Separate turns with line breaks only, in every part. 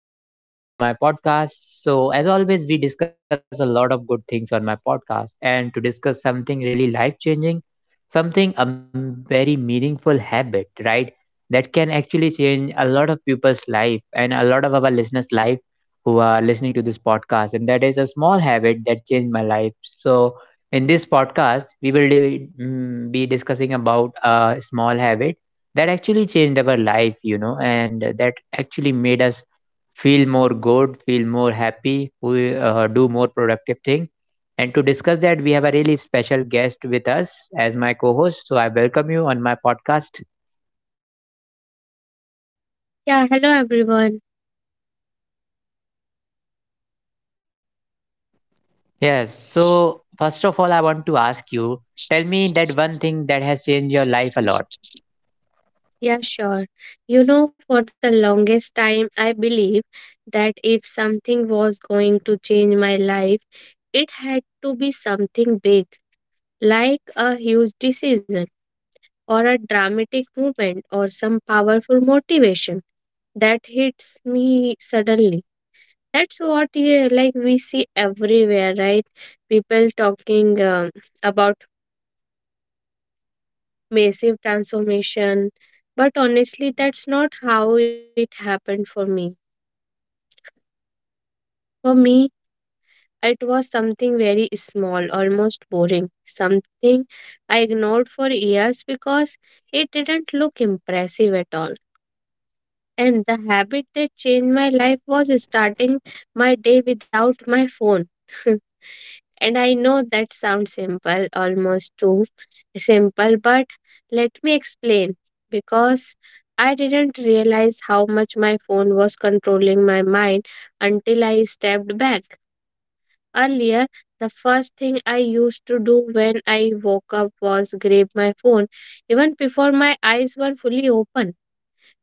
and I welcome you on my podcast. So, as always, we discuss a lot of good things on my podcast, and to discuss something really life changing, very meaningful habit, right? That can actually change a lot of people's life and a lot of our listeners' life who are listening to this podcast. And that is a small habit that changed my life. So, in this podcast, we will be discussing about a small habit that actually changed our life and that actually made us feel more good, feel more happy, we do more productive thing. And to discuss that, we have a really special guest with us as my co-host, so I welcome you on my podcast.
Yeah, hello everyone.
Yes, so first of all, I want to ask you, tell me that one thing that has changed your life a lot.
Yeah, sure. You know, for the longest time, I believe that if something was going to change my life, it had to be something big, like a huge decision or a dramatic movement or some powerful motivation that hits me suddenly. That's what yeah, like we see everywhere, right? People talking about massive transformation. But honestly, that's not how it happened for me. For me, it was something very small, almost boring, something I ignored for years because it didn't look impressive at all. And the habit that changed my life was starting my day without my phone. And I know that sounds simple, almost too simple, but let me explain because I didn't realize how much my phone was controlling my mind until I stepped back. Earlier, the first thing I used to do when I woke up was grab my phone, even before my eyes were fully open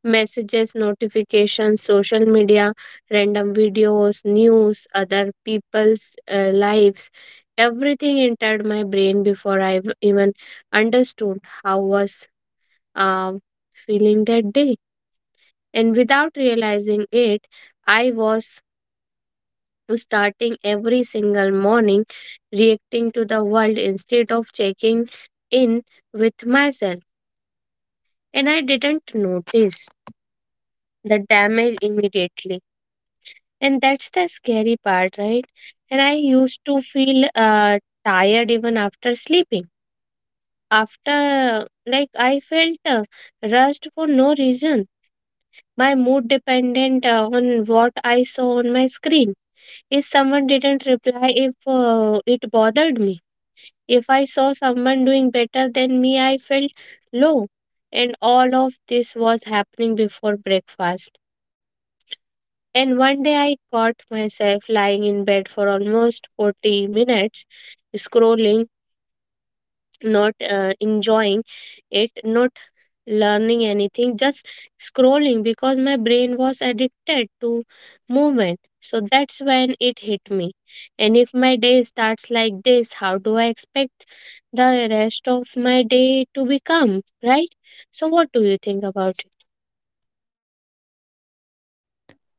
messages, notifications, social media, random videos, news, other people's lives. Everything entered my brain before I even understood how was uh, feeling that day. And without realizing it, I was starting every single morning reacting to the world instead of checking in with myself. And I didn't notice the damage immediately. And that's the scary part, right? And I used to feel tired even after sleeping. After, like, I felt rushed for no reason. My mood dependent on what I saw on my screen. If someone didn't reply, if it bothered me. If I saw someone doing better than me, I felt low. And all of this was happening before breakfast. And one day I caught myself lying in bed for almost 40 minutes, scrolling, not enjoying it, not learning anything, just scrolling because my brain was addicted to movement. So that's when it hit me. And if my day starts like this, how do I expect the rest of my day to become, right? So, what do you think about it?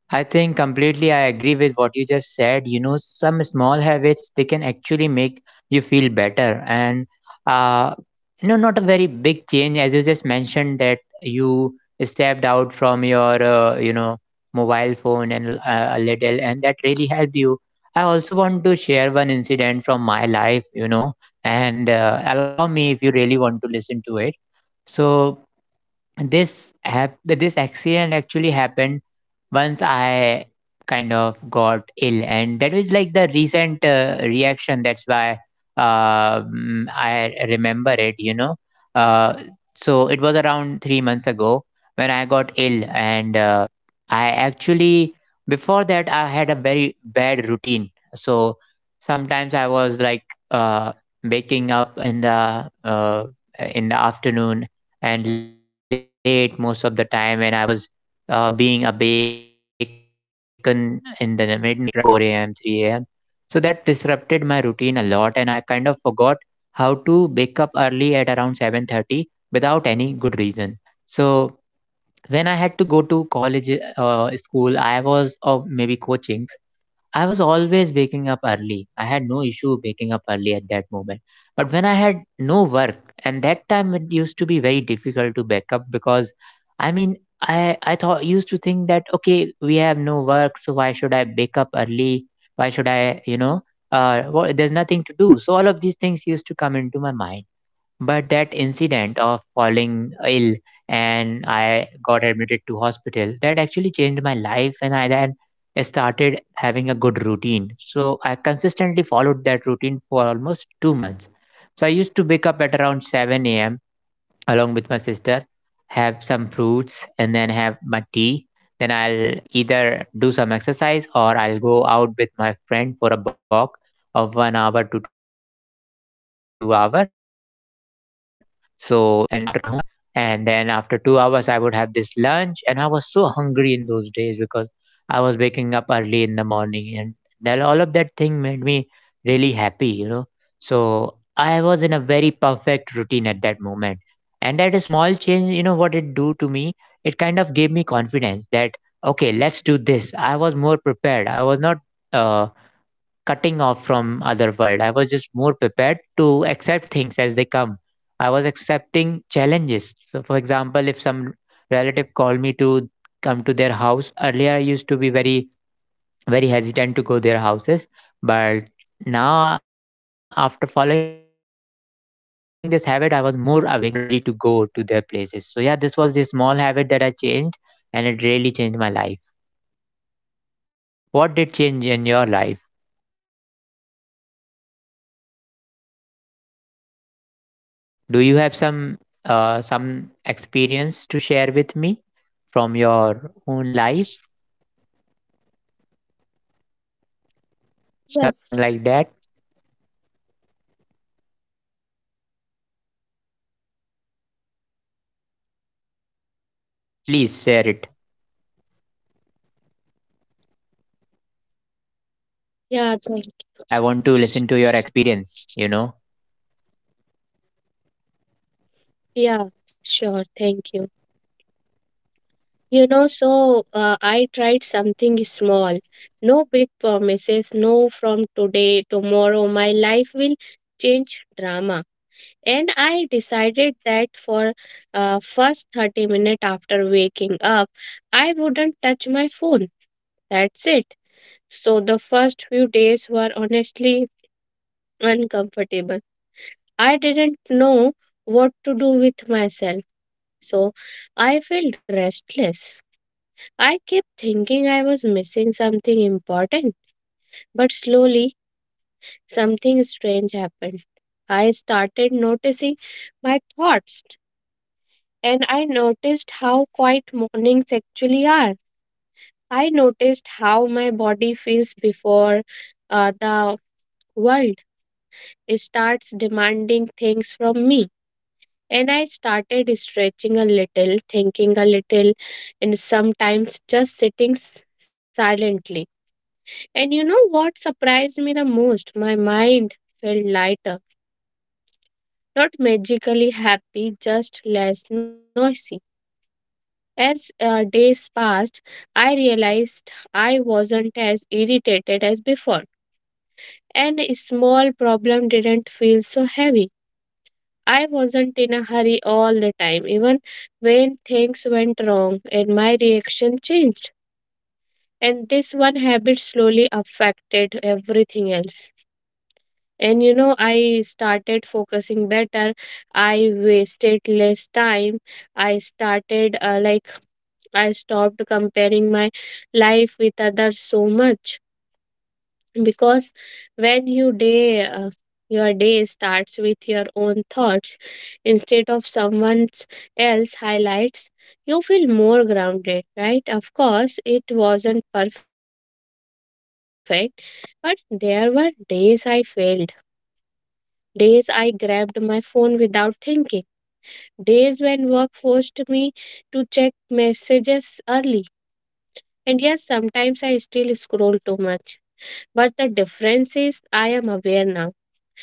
I think completely I agree with what you just said. You know, some small habits they can actually make you feel better, and uh, you know, not a very big change, as you just mentioned that you stepped out from your you know mobile phone and a little, and that really helped you. I also want to share one incident from my life, you know, and allow me if you really want to listen to it. So this accident actually happened once I kind of got ill, and that was like the recent reaction. That's why I remember it, you know. Uh, so it was around 3 months ago when I got ill, and I actually, before that, I had a very bad routine. So sometimes I was like uh, waking up in the in the afternoon and late most of the time, and I was being awake in the midnight, right? Sometimes 4 a.m., 3 a.m. So that disrupted my routine a lot, and I kind of forgot how to wake up early at around 7:30 without any good reason. So when I had to go to college, school, I was, or maybe coaching. I was always waking up early. I had no issue waking up early at that moment. But when I had no work, and that time it used to be very difficult to wake up because I mean I thought used to think that, okay, we have no work, so why should I wake up early? Why should I, you know, there's nothing to do. So all of these things used to come into my mind, but that incident of falling ill and I got admitted to hospital, that actually changed my life, and I then started having a good routine. So I consistently followed that routine for almost 2 months. So I used to wake up at around 7 a.m along with my sister, have some fruits, and then have my tea. Then I'll either do some exercise or I'll go out with my friend for a walk of 1 hour to 2 hour. So, and after coming home, I would have this breakfast. And then after 2 hours, I would have this lunch. And I was so hungry in those days because I was waking up early in the morning. And then all of that thing made me really happy, you know. So I was in a very perfect routine at that moment, and that small change, you know what it do to me, it kind of gave me confidence that, okay, let's do this. I was more prepared, I was not uh, cutting off from other world. I was just more prepared to accept things as they come. I was accepting challenges. So for example, if some relative called me to come to their house earlier, I used to be very, very hesitant to go their houses. But now, after following this habit, I was more awakened. I was more ready to go to their places. So, yeah, this was the small habit that I changed, and it really changed my life. What did change in your life? Do you have some experience to share with me from your own life, something
Yes.
like that? Please share it.
Yeah,
Go
thank,
ahead. I want to listen to your experience. You know.
yeah, sure. Thank you. You know, so I tried something small. No big promises, no from today, tomorrow, my life will change drama. And I decided that for first 30 minutes after waking up, I wouldn't touch my phone. That's it. So the first few days were honestly uncomfortable. I didn't know what to do with myself. So I felt restless. I kept thinking I was missing something important, but slowly something strange happened. I started noticing my thoughts, and I noticed how quiet mornings actually are. I noticed how my body feels before the world starts demanding things from me. And I started stretching a little, thinking a little, and sometimes just sitting silently. And you know what surprised me the most? My mind felt lighter, not magically happy, just less noisy. As days passed, I realized I wasn't as irritated as before, and a small problem didn't feel so heavy. I wasn't in a hurry all the time, even when things went wrong and my reaction changed. And this one habit slowly affected everything else. And you know, I started focusing better. I wasted less time. I started like I stopped comparing my life with others so much because when you day your day starts with your own thoughts instead of someone else highlights. You feel more grounded, right? Of course it wasn't perfect, but there were days I failed, days I grabbed my phone without thinking, days when work forced me to check messages early. And yes, sometimes I still scroll too much. But the difference is I am aware now.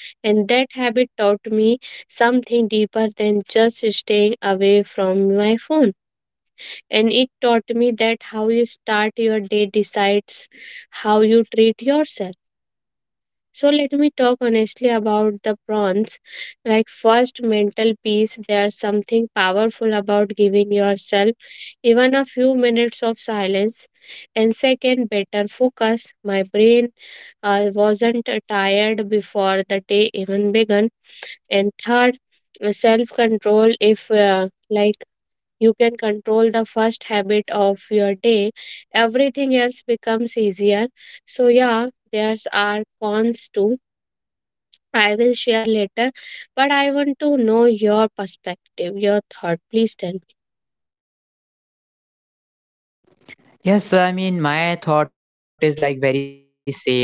And that habit taught me something deeper than just staying away from my phone. And it taught me that how you start your day decides how you treat yourself. So let me talk honestly about the prawns. Like first mental peace, there's something powerful about giving yourself even a few minutes of silence. And second, better focus. My brain wasn't tired before the day even began. And third, self control. If you can control the first habit of your day, everything else becomes easier. So yeah, there's are cons too I will share later, but I want to know your perspective, your thought. Please tell me.
Yes, I mean my thought is like very same.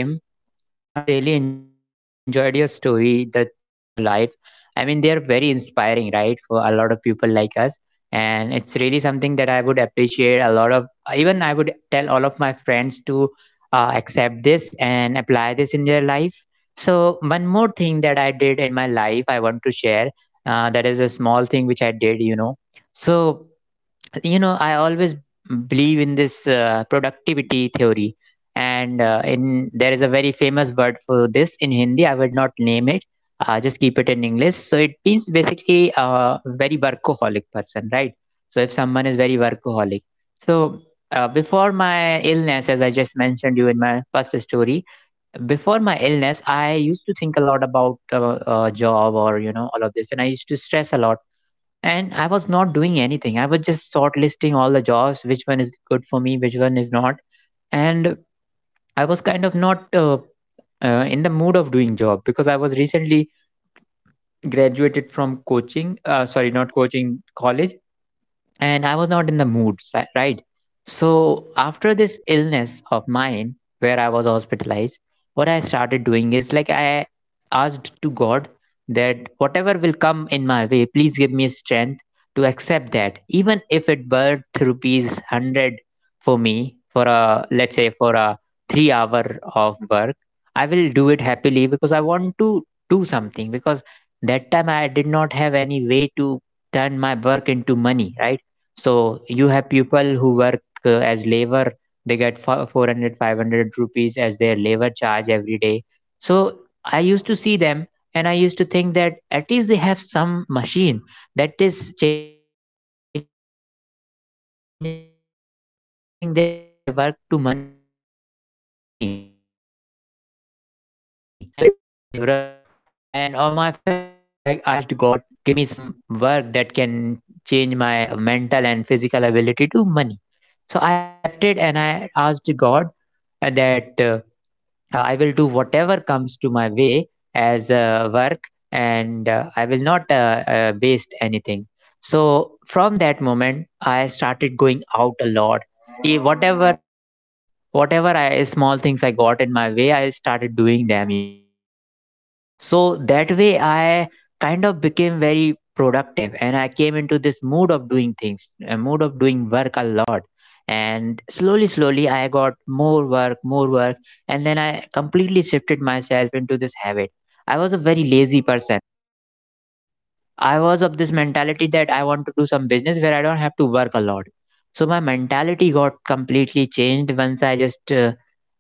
I really enjoyed your story, the things that you changed in your life. I mean, they are very inspiring, right, for a lot of people like us. And it's really something that I would appreciate a lot of, even I would tell all of my friends to accept this and apply this in their life. So, one more thing that I did in my life, I want to share that is a small thing which I did, you know. So, you know, I always believe in this productivity theory, and in there is a very famous word for this in Hindi. I would not name it, just keep it in English. So it means basically a very workaholic person, right? So if someone is very workaholic, so before my illness, as I just mentioned you in my first story, before my illness, I used to think a lot about job, or you know, all of this, and I used to stress a lot, and I was not doing anything. I was just shortlisting all the jobs, which one is good for me, which one is not. And I was kind of not in the mood of doing job because I was recently graduated from coaching, sorry, not coaching, college. And I was not in the mood, right? So after this illness of mine, where I was hospitalized, what I started doing is like I asked to God that whatever will come in my way, please give me strength to accept that, even if it worth rupees hundred for me for a, let's say, for a 3 hour of work, I will do it happily because I want to do something because that time I did not have any way to turn my work into money, right? So you have people who work as labor, they get 400 rupees as their labor charge every day. So I used to see them, and I used to think that at least they have some machine that is changing their work to money. I even don't have that capability to do this laborer work. And my family would not allow me simply. So all of these things used to come into my mind. So I asked God to please give me some work that can change my mental and physical ability to money. So I accepted, and I asked God that I will do whatever comes to my way as work, and I will not waste anything. So from that moment, I started going out a lot. Eh, Whatever whatever I small things I got in my way, I started doing them, you know. So that way, I kind of became very productive, and I came into this mood of doing things, a mood of doing work a lot. And slowly, slowly, I got more work, more work. And then I completely shifted myself into this habit. I was a very lazy person. I was of this mentality that I want to do some business where I don't have to work a lot. So my mentality got completely changed once I just uh,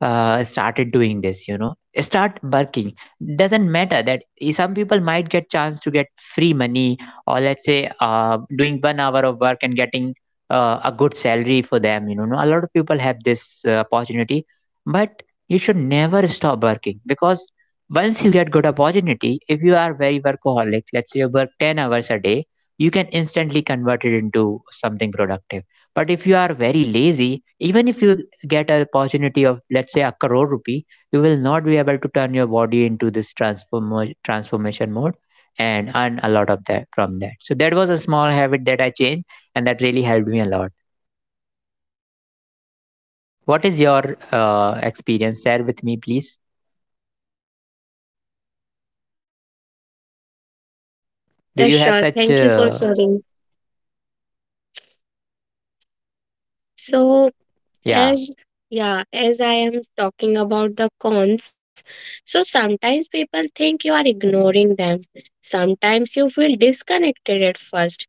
uh, started doing this. You know, start working. Doesn't matter that some people might get chance to get free money, or let's say doing 1 hour of work and getting a good salary for them. You know, no, a lot of people have this opportunity, but you should never stop working because once you get good opportunity, if you are very workaholic, let's say you work 10 hours a day, you can instantly convert it into something productive. But if you are very lazy, even if you get an opportunity of, let's say, a crore rupee, you will not be able to turn your body into this transformation mode and earn a lot of that from that. So that was a small habit that I changed, and that really helped me a lot. What is your experience? Share with me, please. Do
Yeah,
you have
sure.
such
Thank you for
uh,
sharing. So,
yeah
as yeah, as I am talking about the cons, so sometimes people think you are ignoring them. Sometimes you feel disconnected at first,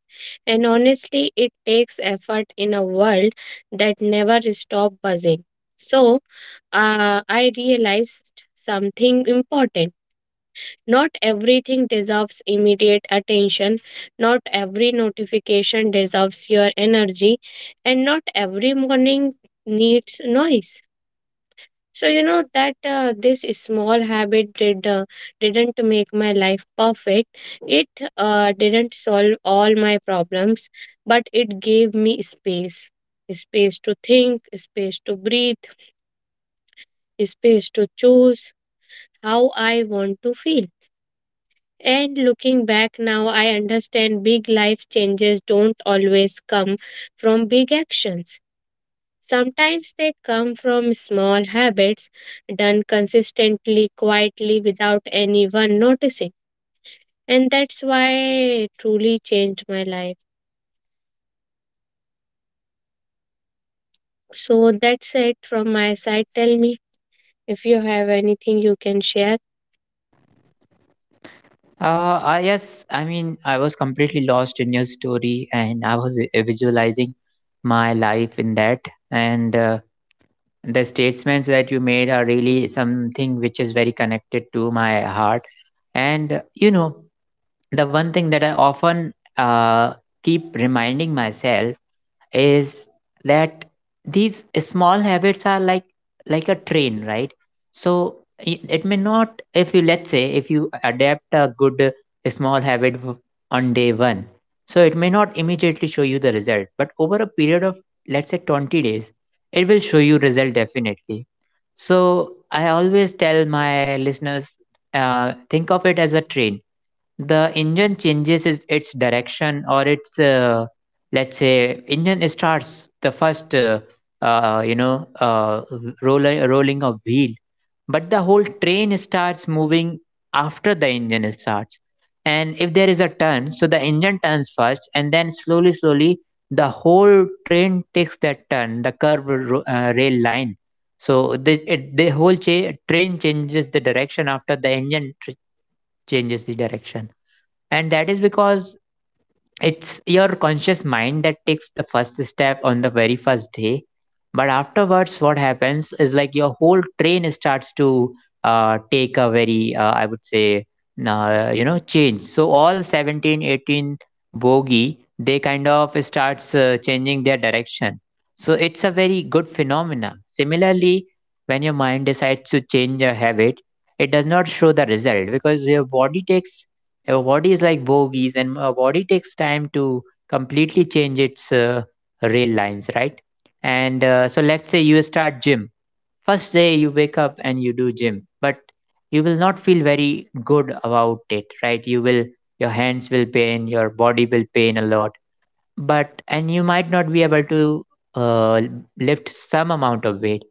and honestly, it takes effort in a world that never stop buzzing. So, I realized something important. Not everything deserves immediate attention, not every notification deserves your energy, and not every morning needs noise. So you know that this small habit didn't make my life perfect. It didn't solve all my problems, but it gave me space, space to think, space to breathe, space to choose how I want to feel. And looking back now, I understand big life changes don't always come from big actions. Sometimes they come from small habits done consistently, quietly, without anyone noticing. And that's why it truly changed my life. So that's it from my side. Tell me if you have anything you can share.
I, yes, I mean, I was completely lost in your story, and I was visualizing my life in that. And the statements that you made are really something which is very connected to my heart. And, uh, you know, the one thing that I often keep reminding myself is that these small habits are like a train, right? So I- it may not if you let's say if you adapt a good small habit on day 1, so it may not immediately show you the result, but over a period of, let's say, 20 days, it will show you result definitely. So I always tell my listeners, think of it as a train. The engine changes its direction, or its let's say engine starts the first uh, you know uh, roller, rolling of wheel, but the whole train starts moving after the engine starts. And if there is a turn, so the engine turns first, and then slowly, slowly the whole train takes that turn, the curved rail line. So the whole train changes the direction after the engine changes the direction. And that is because it's your conscious mind that takes the first step on the very first day, but afterwards what happens is like your whole train starts to take a very I would say change, so all 17 18 bogey they kind of starts changing their direction. So it's a very good phenomena. Similarly, when your mind decides to change a habit, it does not show the result because your body takes our body is like bogies, and our body takes time to completely change its rail lines, right? And so let's say you start gym. First day you wake up and you do gym, but you will not feel very good about it, right? Your hands will pain, your body will pain a lot, but and you might not be able to uh, lift some amount of weight,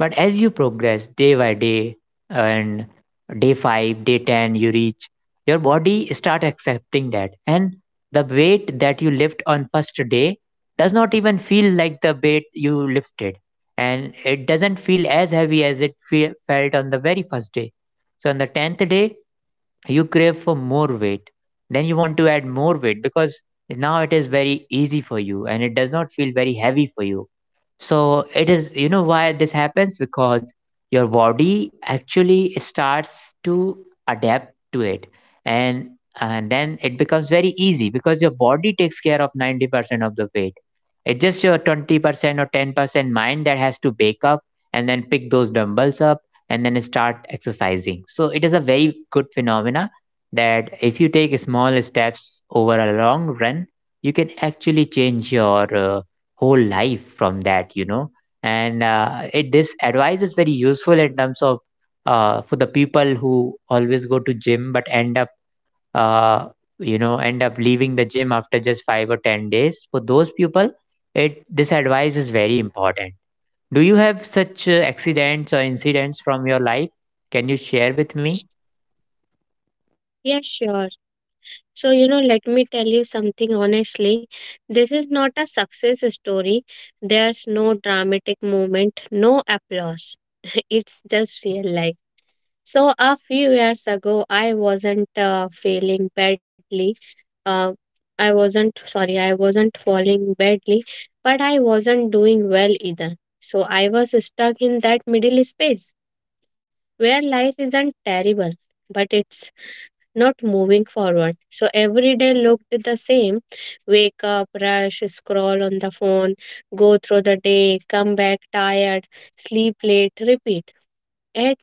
but as you progress day by day and day 5, day 10 you reach, your body start accepting that, and the weight that you lift on first day does not even feel like the weight you lifted, and it doesn't feel as heavy as it felt on the very first day. So on the 10th day you crave for more weight. Then you want to add more weight because now it is very easy for you and it does not feel very heavy for you. So it is, you know, why this happens, because your body actually starts to adapt to it, and and then it becomes very easy because your body takes care of 90% of the weight. It's just your 20% or 10% mind that has to wake up and then pick those dumbbells up and then start exercising. So it is a very good phenomena, that if you take small steps over a long run, you can actually change your whole life from that, you know. And it this advice is very useful in terms of for the people who always go to gym but end up uh, end up leaving the gym after just 5 or 10 days. For those people it this advice is very important. Do you have such accidents or incidents from your life? Can you share with me?
Yes, sure. So, you know, let me tell you something honestly. This is not a success story. There's no dramatic moment, no applause. It's just real life. So, a few years ago, I wasn't feeling badly. Uh, I wasn't, sorry, I wasn't falling badly, but I wasn't doing well either. So, I was stuck in that middle space where life isn't terrible, but it's not moving forward. So every day looked the same wake up, rush, scroll on the phone, go through the day, come back tired, sleep late, repeat. At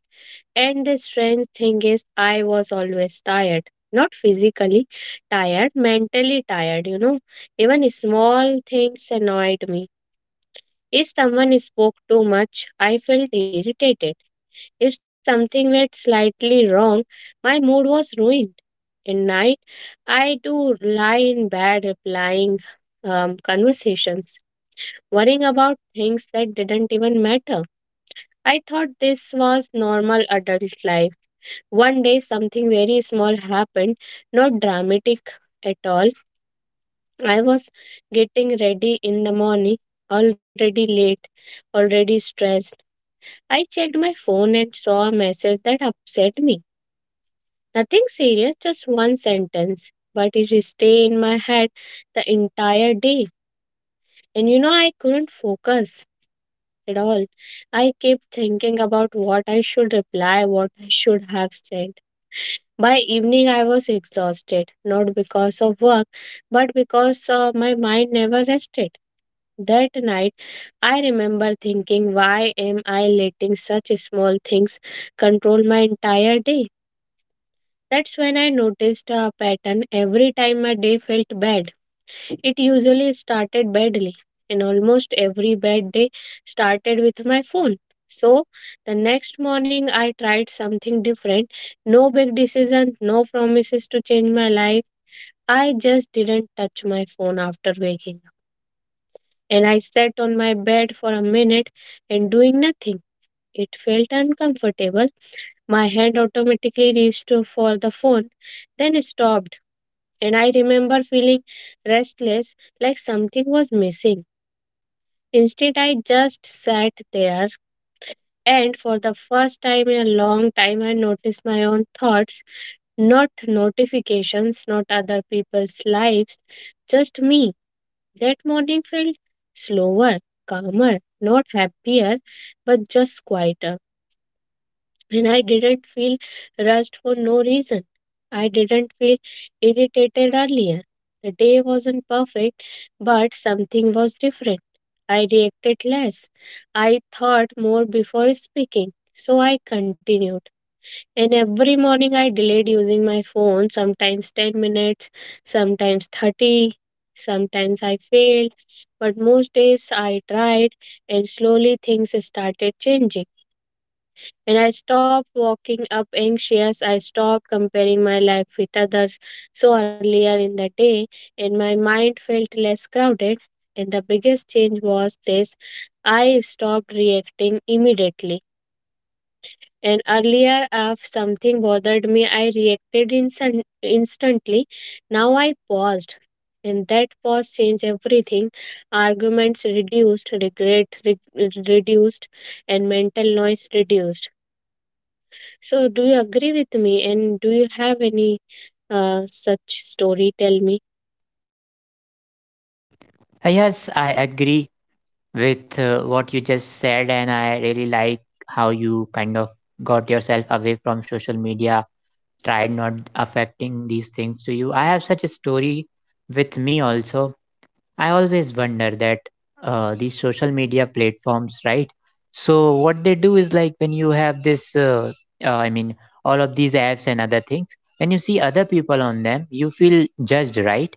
And the strange thing is, I was always tired. Not physically tired, mentally tired, you know. Even small things annoyed me. If someone spoke too much, I felt irritated. If something went slightly wrong, my mood was ruined. In night, I do lie in bed replying conversations, worrying about things that didn't even matter. I thought this was normal adult life. One day, something very small happened, not dramatic at all. I was getting ready in the morning, already late, already stressed. I checked my phone and saw a message that upset me. Nothing serious, just one sentence, but it stayed in my head the entire day. And you know, I couldn't focus at all. I kept thinking about what I should reply, what I should have said. By evening, I was exhausted, not because of work, but because my mind never rested. That night, I remember thinking, why am I letting such small things control my entire day? That's when I noticed a pattern every time my day felt bad. It usually started badly, and almost every bad day started with my phone. So the next morning, I tried something different. No big decision, no promises to change my life. I just didn't touch my phone after waking up. And I sat on my bed for a minute and doing nothing. It felt uncomfortable. My hand automatically reached for the phone, then stopped and I remember feeling restless, like something was missing. Instead, I just sat there, and for the first time in a long time, I noticed my own thoughts, not notifications, not other people's lives, just me. That morning felt slower, calmer, not happier, but just quieter. And I didn't feel rushed for no reason. I didn't feel irritated earlier. The day wasn't perfect, but something was different. I reacted less. I thought more before speaking, so I continued. And every morning I delayed using my phone, sometimes 10 minutes, sometimes 30, sometimes I failed. But most days I tried, and slowly things started changing and I stopped walking up anxious. I stopped comparing my life with others so earlier in the day, and my mind felt less crowded. And the biggest change was this I stopped reacting immediately. And earlier, if something bothered me, I reacted instantly. Now I paused. And that pause changed everything. Arguments reduced, regret reduced, and mental noise reduced. So, do you agree with me? And do you have any such story? Tell me.
Yes, I agree with what you just said, and I really like how you kind of got yourself away from social media, tried not affecting these things to you. I have such a story with me also. I always wonder that these social media platforms, right? So what they do is like, when you have this, I mean, all of these apps and other things, and you see other people on them, you feel judged, right?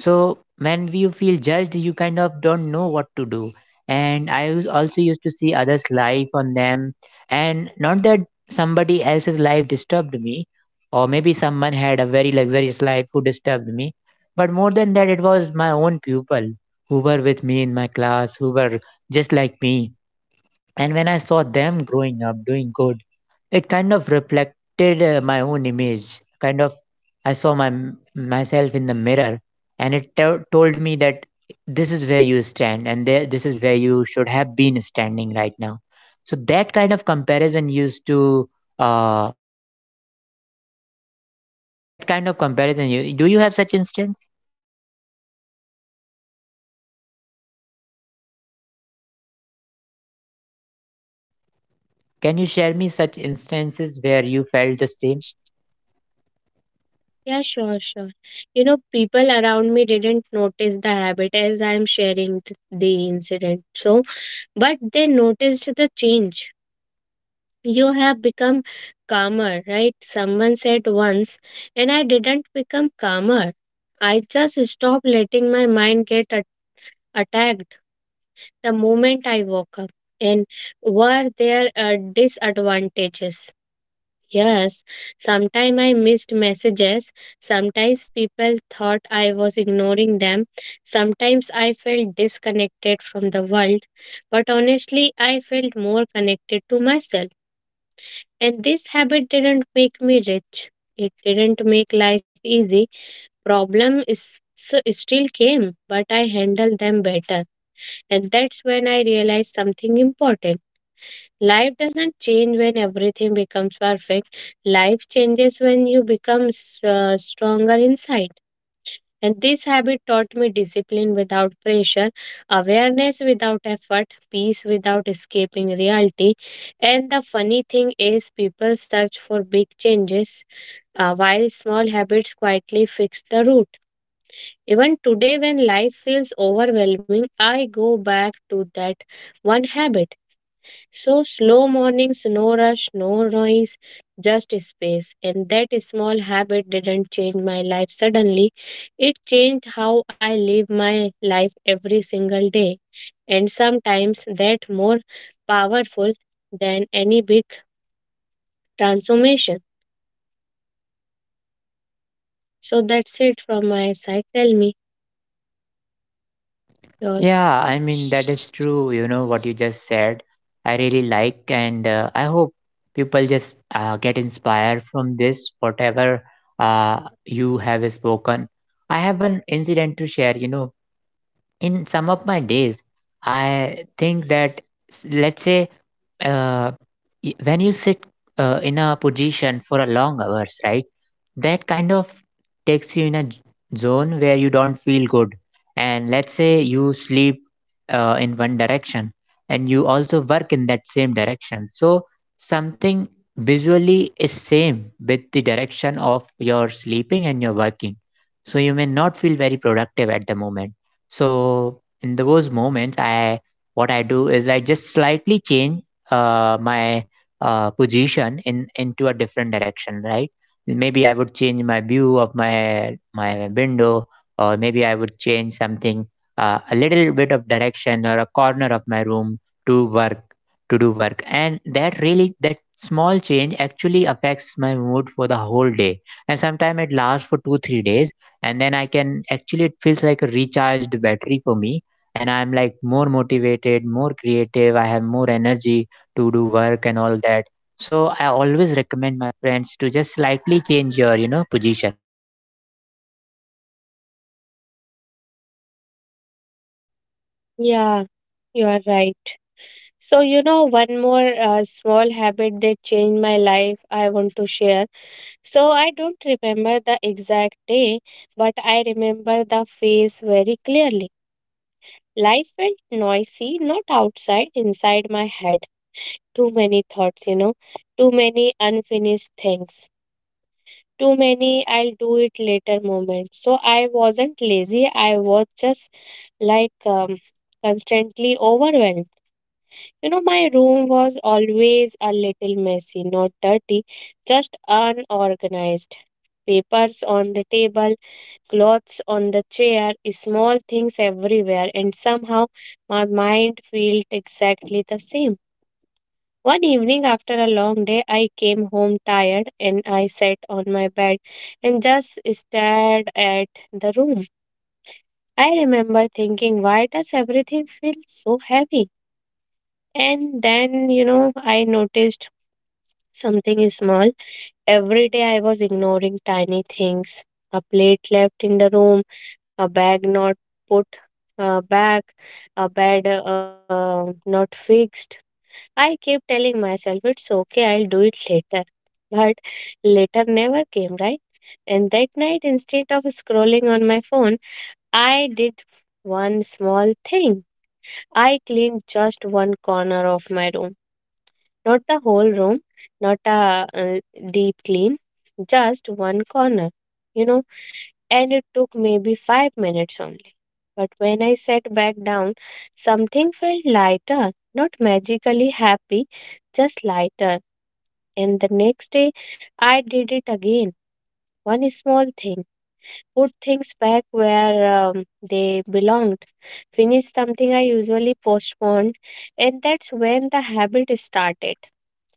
So when you feel judged, you kind of don't know what to do. And I was also used to see others' life on them, and not that somebody else's life disturbed me, or maybe someone had a very luxurious life who disturbed me, but more than that, it was my own pupil who were with me in my class, who were just like me. And when I saw them growing up, doing good, it kind of reflected my own image. Kind of, I saw my myself in the mirror, and it told me that, this is where you stand, and there, this is where you should have been standing right now. So that kind of comparison used to, uh, that kind of comparison. You, do you have such instance? Can you share me such instances where you felt the same?
Yeah, sure, sure. You know, people around me didn't notice the habit as I'm sharing the incident. So, but they noticed the change. You have become calmer, right? Someone said once, and I didn't become calmer. I just stopped letting my mind attacked the moment I woke up. And were there disadvantages? Yes, sometimes I missed messages. Sometimes people thought I was ignoring them. Sometimes I felt disconnected from the world. But honestly, I felt more connected to myself. And this habit didn't make me rich. It didn't make life easy. Problem is still came, but I handled them better. And that's when I realized something important. Life doesn't change when everything becomes perfect. Life changes when you become stronger inside. And this habit taught me discipline without pressure, awareness without effort, peace without escaping reality. And the funny thing is, people search for big changes while small habits quietly fix the root. Even today, when life feels overwhelming, I go back to that one habit, so slow mornings, no rush, no noise, just space. And that small habit didn't change my life suddenly. It changed how I live my life every single day. And sometimes that more powerful than any big transformation. So that's it from my side. Tell me your.
Yeah, I mean, that is true. You know what you just said, I really like, and I hope people just get inspired from this, whatever you have spoken. I have an incident to share. You know, in some of my days, I think that, let's say, uh, when you sit in a position for a long hours, right? That kind of takes you in a zone where you don't feel good. And let's say you sleep in one direction and you also work in that same direction, so something visually is same with the direction of your sleeping and your working, so you may not feel very productive at the moment. So in those moments, I what I do is I just slightly change my position in into a different direction, right? Maybe I would change my view of my window, or maybe I would change something, a little bit of direction or a corner of my room to work to do work. And that really, that small change actually affects my mood for the whole day. And sometimes it lasts for 2 3 days, and then I can actually it feels like a recharged battery for me. And I'm like more motivated, more creative. I have more energy to do work and all that. So I always recommend my friends to just slightly change your, you know, position.
Yeah, you are right. So, you know, one more small habit that changed my life I want to share. So I don't remember the exact day, but I remember the face very clearly. Life felt noisy, not outside, inside my head. Too many thoughts, you know, too many unfinished things, too many I'll do it later moments. So I wasn't lazy, I was just like, constantly overwhelmed. You know, my room was always a little messy, not dirty, just unorganized. Papers on the table, clothes on the chair, small things everywhere, and somehow my mind felt exactly the same. One evening after a long day, I came home tired and I sat on my bed and just stared at the room. I remember thinking, why does everything feel so heavy? And then, you know, I noticed something is small. Every day I was ignoring tiny things: a plate left in the room, a bag not put back, a bed not fixed. I kept telling myself it's okay, I'll do it later. But later never came, right? And that night, instead of scrolling on my phone, I did one small thing. I cleaned just one corner of my room. Not the whole room, not a uh, deep clean, just one corner, you know, and it took maybe 5 minutes only. But when I sat back down, something felt lighter, not magically happy, just lighter. And the next day, I did it again. One small thing, put things back where they belonged, finish something I usually postponed, and that's when the habit started.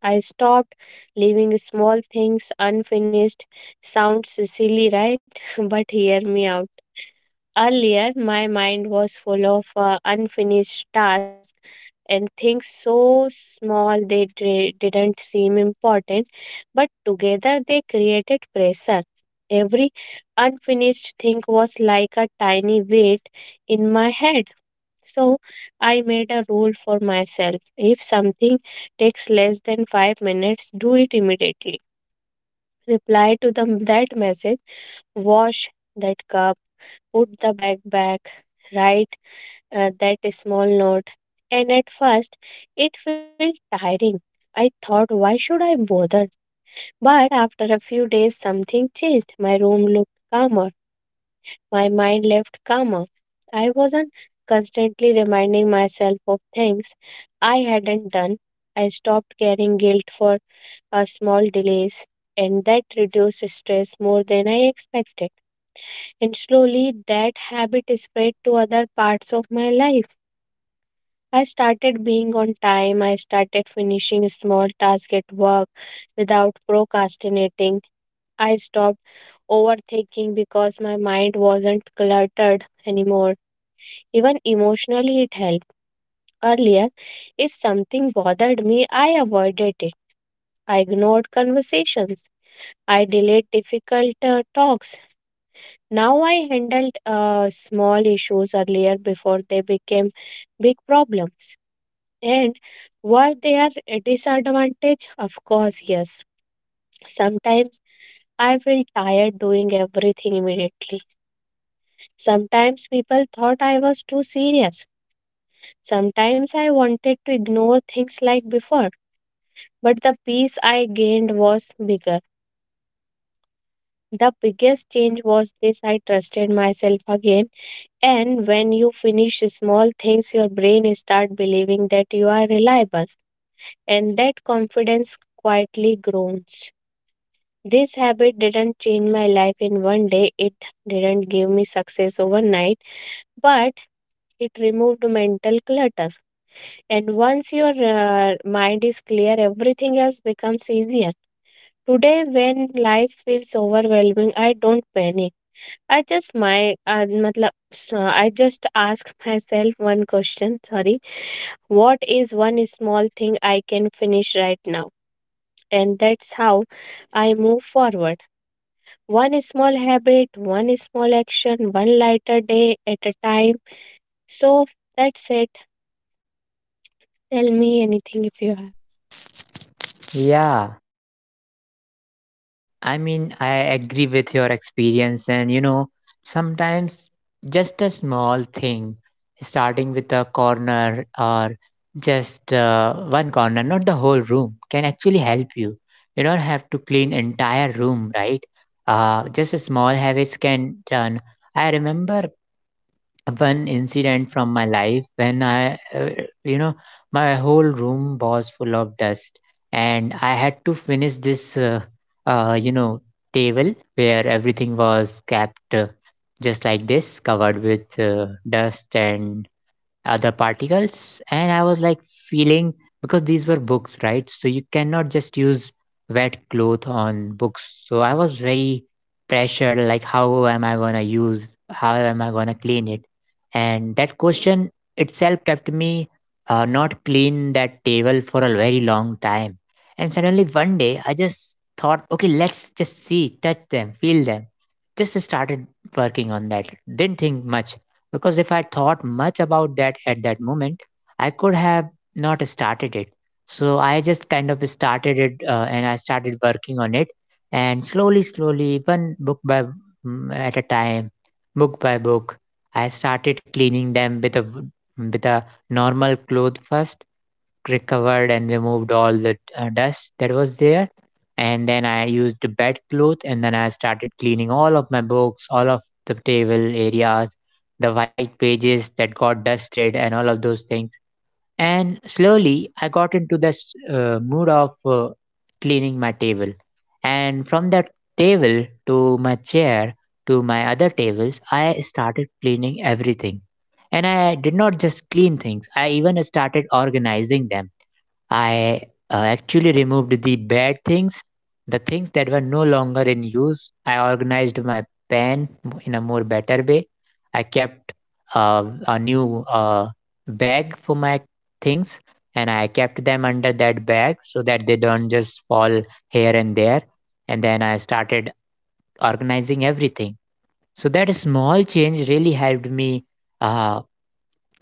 I stopped leaving small things unfinished. Sounds silly, right? But hear me out. Earlier, my mind was full of unfinished tasks and things so small they didn't seem important, but together they created pressure. Every unfinished thing was like a tiny weight in my head. So I made a rule for myself. If something takes less than 5 minutes, do it immediately. Reply to that message, wash that cup, put the bag back, write that small note. And at first, it felt tiring. I thought, why should I bother? But after a few days, something changed. My room looked calmer. My mind left calmer. I wasn't constantly reminding myself of things I hadn't done. I stopped carrying guilt for a small delays, and that reduced stress more than I expected. And slowly that habit spread to other parts of my life. I started being on time. I started finishing small tasks at work without procrastinating. I stopped overthinking because my mind wasn't cluttered anymore. Even emotionally, it helped. Earlier, if something bothered me, I avoided it. I ignored conversations. I delayed difficult talks. Now I handled small issues earlier before they became big problems. And were there a disadvantage? Of course, yes. Sometimes I felt tired doing everything immediately. Sometimes people thought I was too serious. Sometimes I wanted to ignore things like before. But the peace I gained was bigger. The biggest change was this: I trusted myself again. And when you finish small things, your brain start believing that you are reliable, and that confidence quietly grows. This habit didn't change my life in one day. It didn't give me success overnight, but it removed mental clutter. And once your mind is clear, everything else becomes easier. Today, when life feels overwhelming, I don't panic. I just my matlab, I just ask myself one question. Sorry. What is one small thing I can finish right now? And that's how I move forward. One small habit, one small action, one lighter day at a time. So that's it. Tell me anything if you have.
Yeah, I mean, I agree with your experience, and you know, sometimes just a small thing, starting with a corner or just one corner, not the whole room, can actually help you. You don't have to clean entire room, right? Just a small habits can turn. I remember one incident from my life when you know, my whole room was full of dust, and I had to finish this, uh, you know, table where everything was kept just like this, covered with dust and the particles, and I was like feeling, because these were books, right? So you cannot just use wet cloth on books, so I was very pressured, like, how am I going to use, how am I going to clean it? And that question itself kept me not clean that table for a very long time. And suddenly one day I just thought, okay, let's just see, touch them, feel them. Just started working on that, didn't think much, because if I thought much about that at that moment, I could have not started it. So I just kind of started it, and I started working on it. And slowly, slowly, one book by mm, at a time, book by book, I started cleaning them with a with a normal cloth first, recovered and removed all the dust that was there, and then I used the bed cloth, and then I started cleaning all of my books, all of the table areas, the white pages that got dusted, and all of those things. And slowly, I got into this mood of cleaning my table. And from that table to my chair to my other tables, I started cleaning everything. And I did not just clean things, I even started organizing them. I Actually removed the bad things, the things that were no longer in use. I organized my pen in a more better way. I kept uh, a new bag for my things, and I kept them under that bag so that they don't just fall here and there. And then I started organizing everything. So that small change really helped me. Uh,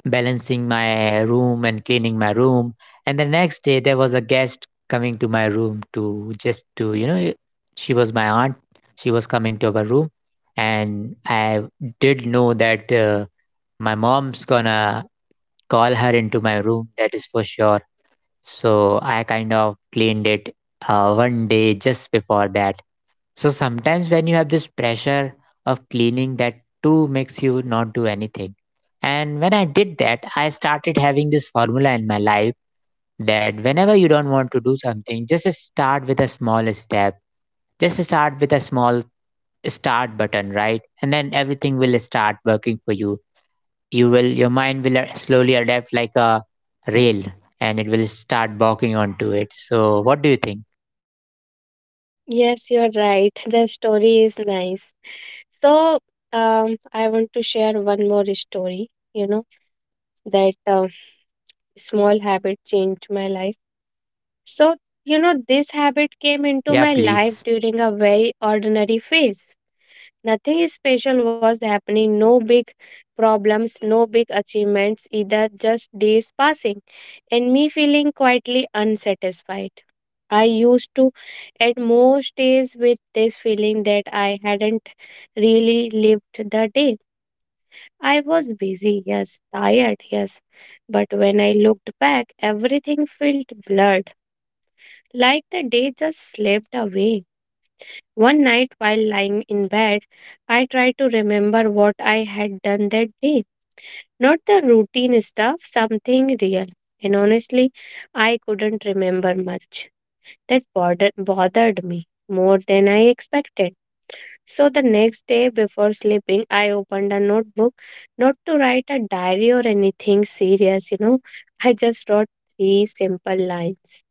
Balancing my room and cleaning my room. And the next day, there was a guest coming to my room to just to, you know, she was my aunt. She was coming to our room. And I did know that my mom's gonna call her into my room, that is for sure. So I kind of cleaned it one day just before that. So sometimes when you have this pressure of cleaning, that too makes you not do anything. And when I did that, I started having this formula in my life, that whenever you don't want to do something, just start with a small step. Just start with a small start button, right? And then everything will start working for you. You will, your mind will slowly adapt like a rail, and it will start walking onto it. So what do you think?
Yes, you're right. The story is nice. So, I want to share one more story, you know, that small habit changed my life. So, you know, this habit came into
Yeah,
my life
please.
during a very ordinary phase. Nothing special was happening, no big problems, no big achievements either, just days passing, and me feeling quietly unsatisfied. I used to, at most days, with this feeling that I hadn't really lived the day. I was busy, yes, tired, yes, but when I looked back, everything felt blurred, like the day just slipped away. One night while lying in bed, I tried to remember what I had done that day. Not the routine stuff, something real. And honestly, I couldn't remember much. That bothered me more than I expected. So the next day before sleeping, I opened a notebook, not to write a diary or anything serious, you know. I just wrote three simple lines.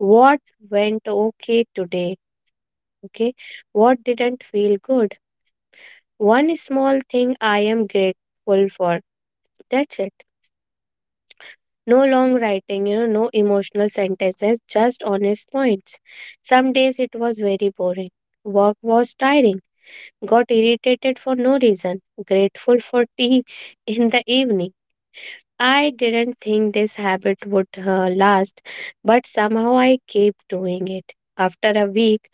What went okay today? Okay. What didn't feel good? One small thing I am grateful for. That's it. No long writing, you know, no emotional sentences, just honest points. Some days it was very boring. Work was tiring. Got irritated for no reason. Grateful for tea in the evening. I didn't think this habit would last, but somehow I kept doing it. After a week,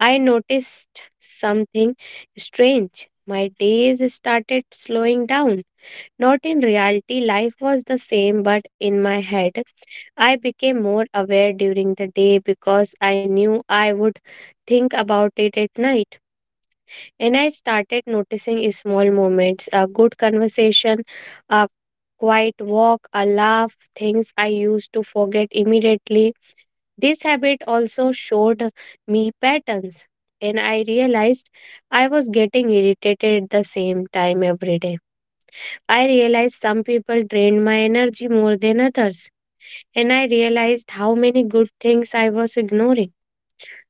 I noticed something strange. My days started slowing down. Not in reality, life was the same, but in my head, I became more aware during the day because I knew I would think about it at night. And I started noticing small moments, a good conversation, a quiet walk, a laugh, things I used to forget immediately. This habit also showed me patterns, and I realized I was getting irritated at the same time every day. I realized some people drained my energy more than others, and I realized how many good things I was ignoring.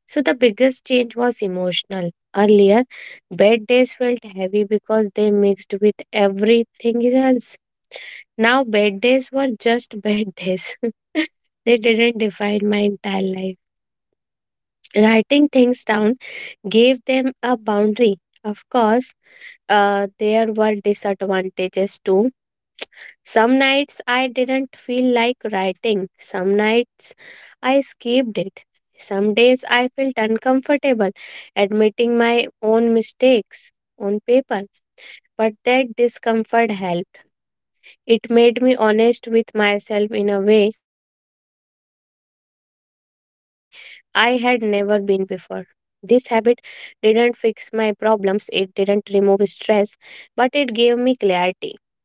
So, the biggest change was emotional. Earlier, bad days felt heavy because they mixed with everything else. Now, bad days were just bad days. They didn't define my entire life. Writing things down gave them a boundary. Of course, there were disadvantages too. Some nights I didn't feel like writing. Some nights I skipped it. Some days I felt uncomfortable admitting my own mistakes on paper. But that discomfort helped. It made me honest with myself in a way I had never been before. This habit didn't fix my problems, it didn't remove stress, but it gave me clarity. And clarity is powerful.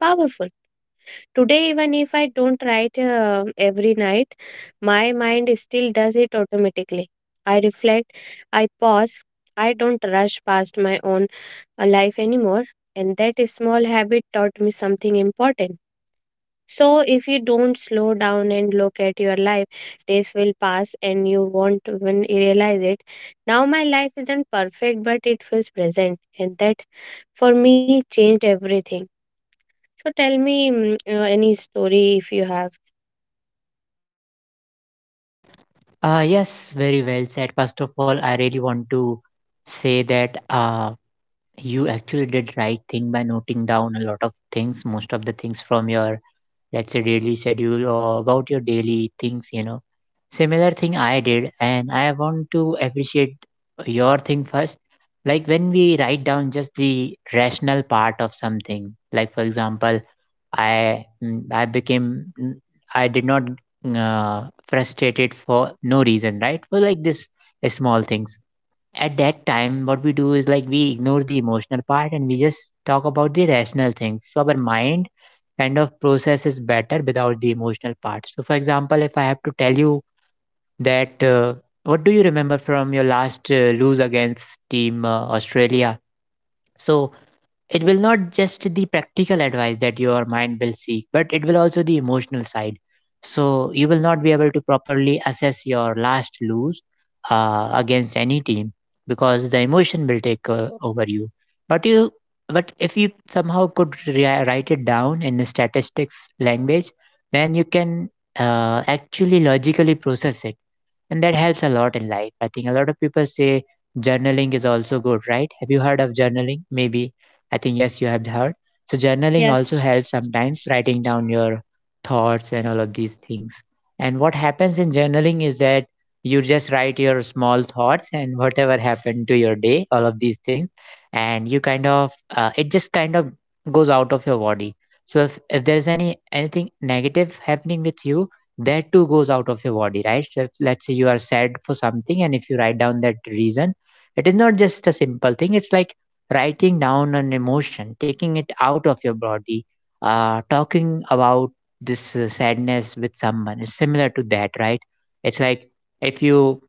Today, even if I don't write every night, my mind still does it automatically. I reflect, I pause, I don't rush past my own life anymore. And that small habit taught me something important. So, if you don't slow down and look at your life, days will pass and you won't even realize it. Now, my life isn't perfect, but it feels present, and that for me changed everything. So tell me any story if you have.
Yes, very well said. First of all, I really want to say that you actually did right thing by noting down a lot of things, most of the things from your, let's say, daily schedule or about your daily things, you know. Similar thing I did, and I want to appreciate your thing first. Like when we write down just the rational part of something, like for example, I became I did not frustrated for no reason, right? For like this small things. At that time, what we do is like we ignore the emotional part and we just talk about the rational things. So our mind kind of processes better without the emotional part. So, for example, if I have to tell you that what do you remember from your last lose against team Australia? So it will not just the practical advice that your mind will seek, but it will also the emotional side, so you will not be able to properly assess your last lose against any team because the emotion will take over you, but you, but if you somehow could write it down in the statistics language, then you can actually logically process it, and that helps a lot in life. I think a lot of people say journaling is also good, right? Have you heard of journaling? Maybe. I think yes, you have heard. So journaling also
Yes.
helps sometimes writing down your thoughts and all of these things. And what happens in journaling is that you just write your small thoughts and whatever happened to your day, all of these things, and you kind of it just kind of goes out of your body. So if there's anything negative happening with you, that too goes out of your body, right? So let's say you are sad for something, and if you write down that reason, it is not just a simple thing. It's like writing down an emotion, taking it out of your body, talking about this sadness with someone. It's similar to that, right? It's like if you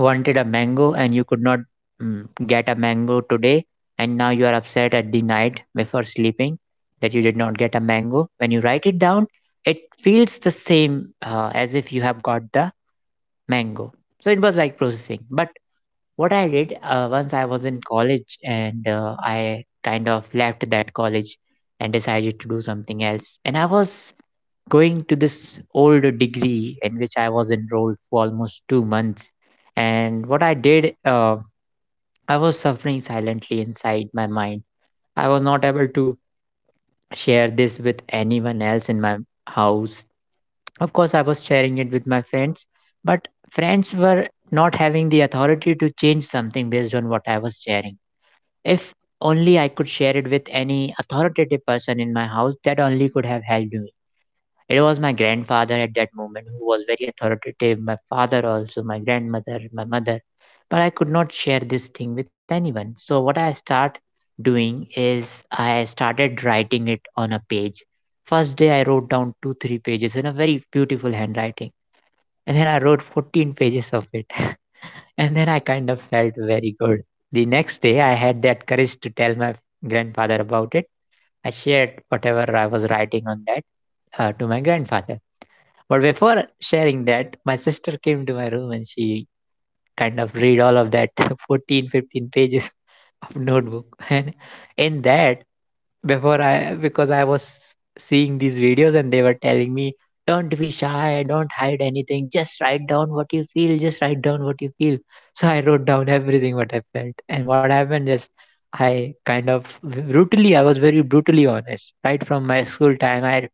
wanted a mango and you could not get a mango today, and now you are upset at the night before sleeping that you did not get a mango, when you write it down it feels the same as if you have got the mango. So it was like processing. But what I did, once I was in college and I kind of left that college and decided to do something else, and I was going to this old degree in which I was enrolled for almost 2 months. And what I did, I was suffering silently inside my mind. I was not able to share this with anyone else in my house. Of course, I was sharing it with my friends, but friends were not having the authority to change something based on what I was sharing. If only I could share it with any authoritative person in my house, that only could have helped me. It was my grandfather at that moment who was very authoritative, my father also, my grandmother, my mother. But I could not share this thing with anyone. So what I start doing is I started writing it on a page. First day I wrote down two, three pages in a very beautiful handwriting. And then I wrote 14 pages of it. And then I kind of felt very good. The next day I had that courage to tell my grandfather about it. I shared whatever I was writing on that to my grandfather. But before sharing that, my sister came to my room and she kind of read all of that 14, 15 pages of notebook. And in that, before I, because I was seeing these videos and they were telling me, don't be shy, don't hide anything, just write down what you feel, just write down what you feel. So I wrote down everything what I felt. And what happened is, I kind of brutally, I was very brutally honest. Right from my school time, I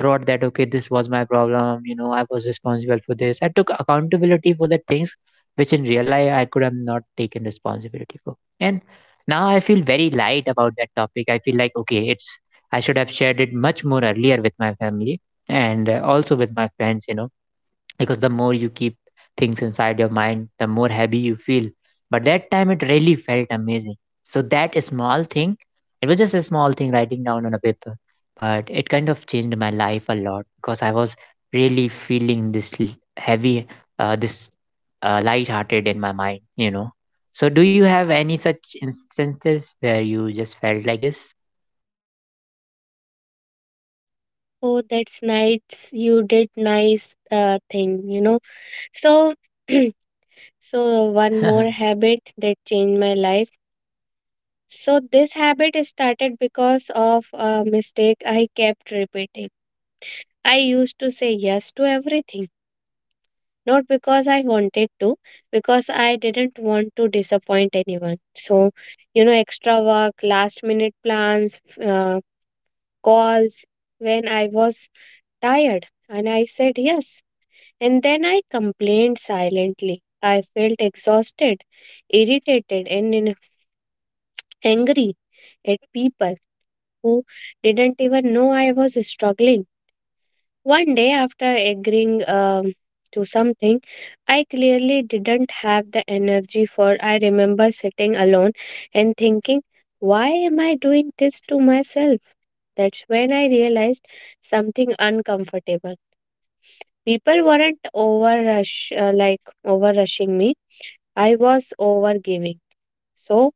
wrote that okay, this was my problem, you know, I was responsible for this, I took accountability for the things which in real life I could have not taken responsibility for. And now I feel very light about that topic. I feel like okay, it's, I should have shared it much more earlier with my family, and also with my friends, you know, because the more you keep things inside your mind, the more heavy you feel. But that time it really felt amazing. So that small thing, it was just a small thing writing down on a paper, but it kind of changed my life a lot because I was really feeling this heavy, this light-hearted in my mind, you know. So do you have any such instances where you just felt like this?
Oh, that's nice. You did nice thing, you know. So, so one more habit that changed my life. So this habit is started because of a mistake I kept repeating. I used to say yes to everything, not because I wanted to, because I didn't want to disappoint anyone. So, you know, extra work, last minute plans, calls when I was tired, and I said yes. And then I complained silently. I felt exhausted, irritated, and angry at people who didn't even know I was struggling. One day, after agreeing to something, I clearly didn't have the energy for. I remember sitting alone and thinking, why am I doing this to myself? That's when I realized something uncomfortable. People weren't over rushing me. I was over giving. So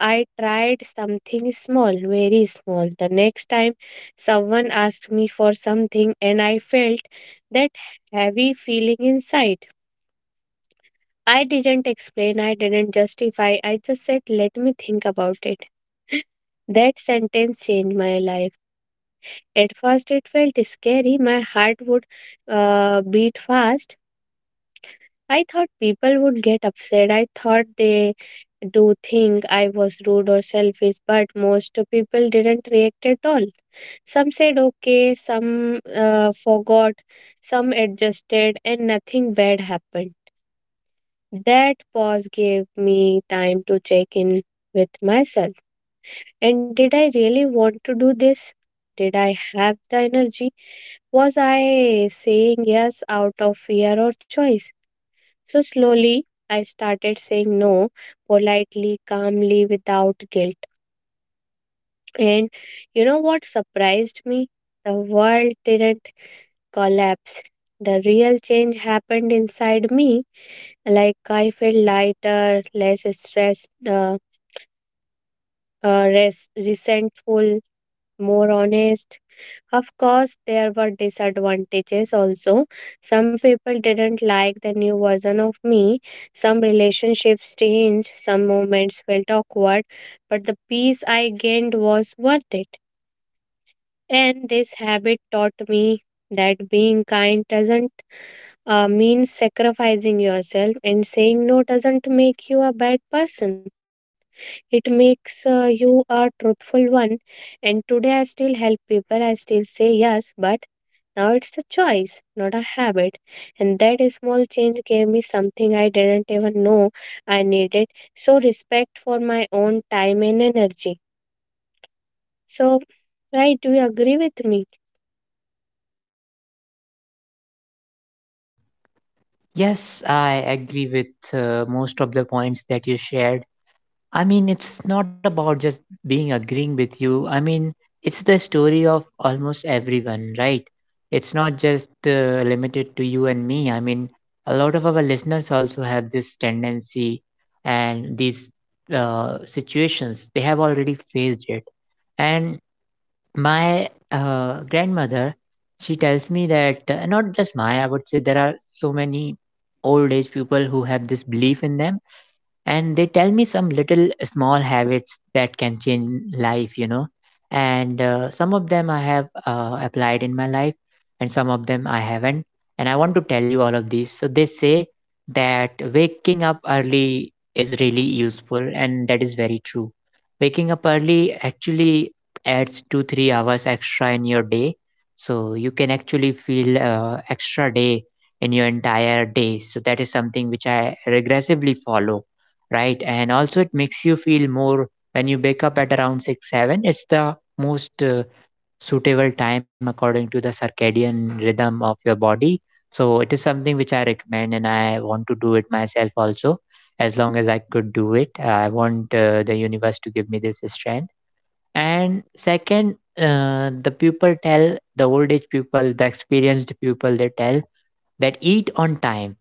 I tried something small, very small. The next time someone asked me for something and I felt that heavy feeling inside. I didn't explain, I didn't justify, I just said, let me think about it. That sentence changed my life. At first, it felt scary. My heart would beat fast. I thought people would get upset. I thought they do think I was rude or selfish, but most people didn't react at all. Some said okay, some forgot, some adjusted, and nothing bad happened. That pause gave me time to check in with myself. And did I really want to do this? Did I have the energy? Was I saying yes out of fear or choice? So slowly, I started saying no politely, calmly, without guilt. And you know what surprised me? The world didn't collapse. The real change happened inside me. Like I felt lighter, less stressed, resentful, more honest. Of course, there were disadvantages also. Some people didn't like the new version of me. Some relationships changed. Some moments felt awkward. But the peace I gained was worth it. And this habit taught me that being kind doesn't mean sacrificing yourself, and saying no doesn't make you a bad person, it makes you a truthful one. And today, I still help people, I still say yes, but now it's a choice, not a habit. And that small change gave me something I didn't even know I needed. So, respect for my own time and energy. So, right, do you agree with me?
Yes, I agree with most of the points that you shared. I mean, it's not about just being agreeing with you. I mean, it's the story of almost everyone, right? It's not just limited to you and me. I mean, a lot of our listeners also have this tendency and these situations. They have already faced it. And my grandmother, she tells me that not just my, I would say there are so many old age people who have this belief in them, and they tell me some little small habits that can change life, you know. And some of them I have applied in my life, and some of them I haven't. And I want to tell you all of these. So they say that waking up early is really useful, and that is very true. Waking up early actually adds 2 3 hours extra in your day, so you can actually feel extra day in your entire day. So that is something which I regressively follow, right? And also, it makes you feel more when you wake up at around 6 7. It's the most suitable time according to the circadian rhythm of your body. So, it is something which I recommend, and I want to do it myself also. As long as I could do it, I want the universe to give me this strength. And second, the people tell, the old age people, the experienced people, they tell that eat on time,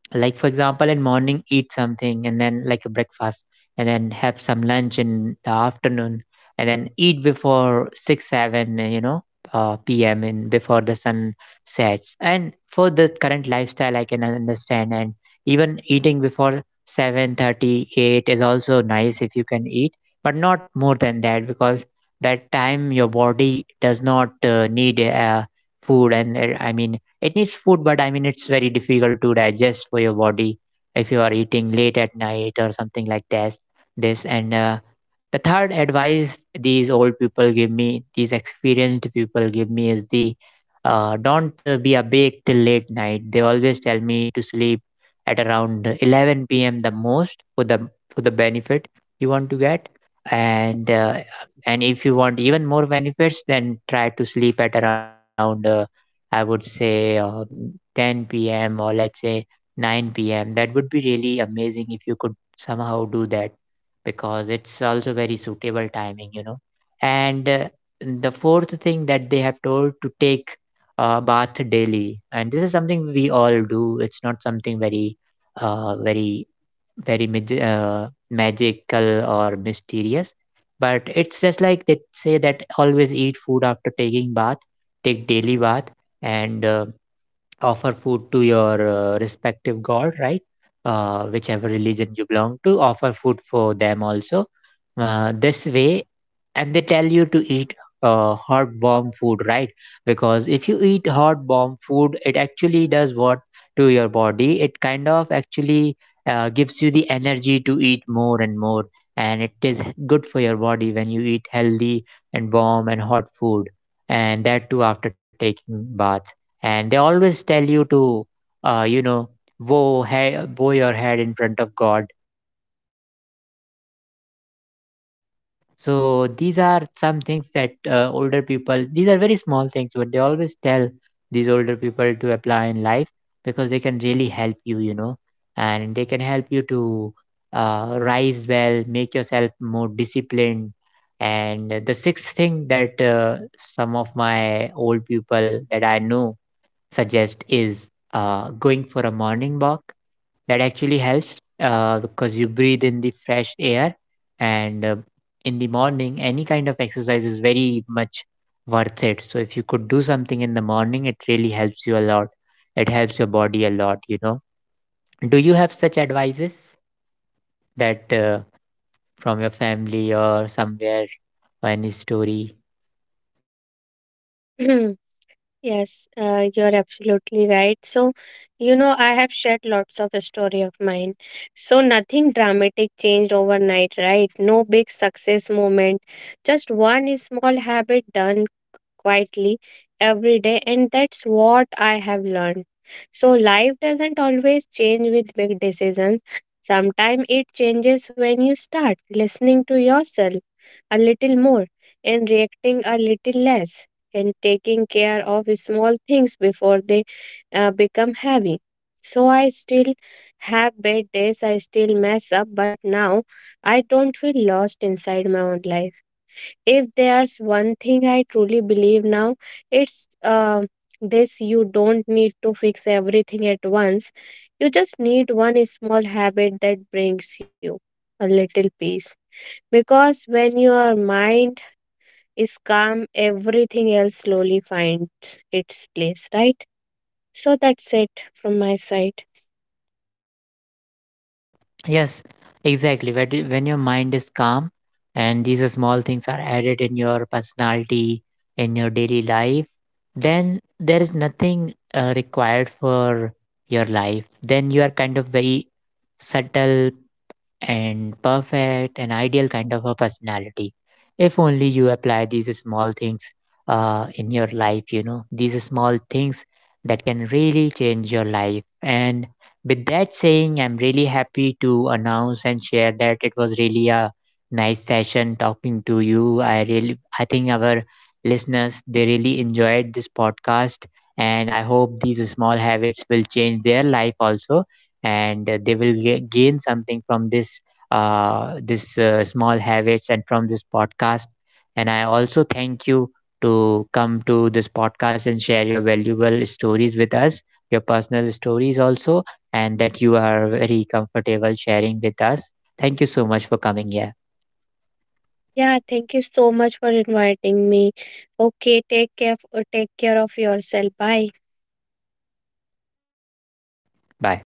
like for example in morning eat something, and then like a breakfast, and then have some lunch in the afternoon, and then eat before 6 7 you know pm, in before the sun sets. And for the current lifestyle I can understand, and even eating before seven thirty eight is also nice if you can eat, but not more than that, because that time your body does not need food, and I mean, it needs food, but I mean, it's very difficult to digest for your body if you are eating late at night or something like that. This and the third advice these old people give me, these experienced people give me is the don't be awake till late night. They always tell me to sleep at around 11 p.m. the most, for the, for the benefit you want to get. And and if you want even more benefits, then try to sleep at around I would say 10 p.m., or let's say 9 p.m. That would be really amazing if you could somehow do that, because it's also very suitable timing, you know. And the fourth thing that they have told, to take bath daily, and this is something we all do. It's not something very, very very magical or mysterious. But it's just like they say that always eat food after taking bath, take daily bath, and offer food to your respective god, right? Whichever religion you belong to, offer food for them also. This way, and they tell you to eat hot bomb food, right? Because if you eat hot bomb food, it actually does what to your body. It kind of actually gives you the energy to eat more and more, and it is good for your body when you eat healthy and warm and hot food, and that too after taking bath. And they always tell you to you know, bow, bow your head in front of god. So these are some things that older people, these are very small things, but they always tell, these older people, to apply in life because they can really help you, you know, and they can help you to rise well, make yourself more disciplined. And the sixth thing that some of my old people that I know suggest is going for a morning walk. That actually helps because you breathe in the fresh air, and in the morning any kind of exercise is very much worth it. So if you could do something in the morning, it really helps you a lot. It helps your body a lot, you know. Do you have such advices that from your family or somewhere, or any story?
Yes, you're absolutely right. So, you know, I have shared lots of story of mine. So, nothing dramatic changed overnight, right? No big success moment. Just one small habit done quietly every day, and that's what I have learned. So, life doesn't always change with big decisions. Sometimes it changes when you start listening to yourself a little more and reacting a little less and taking care of small things before they become heavy. So, I still have bad days, I still mess up, but now I don't feel lost inside my own life. If there's one thing I truly believe now, it's this: you don't need to fix everything at once. You just need one small habit that brings you a little peace. Because when your mind is calm, everything else slowly finds its place, right? So that's it from my side.
Yes, exactly. When your mind is calm and these small things are added in your personality, in your daily life, then there is nothing required for your life. Then you are kind of very subtle and perfect and ideal kind of a personality, if only you apply these small things in your life, you know, these small things that can really change your life. And with that saying, I'm really happy to announce and share that it was really a nice session talking to you. I really, I think our listeners, they really enjoyed this podcast, and I hope these small habits will change their life also. And they will gain something from this this small habits and from this podcast. And I also thank you to come to this podcast and share your valuable stories with us, your personal stories also, and that you are very comfortable sharing with us. Thank you so much for coming here.
Yeah, thank you so much for inviting me. Okay, take care of yourself. Bye.
Bye.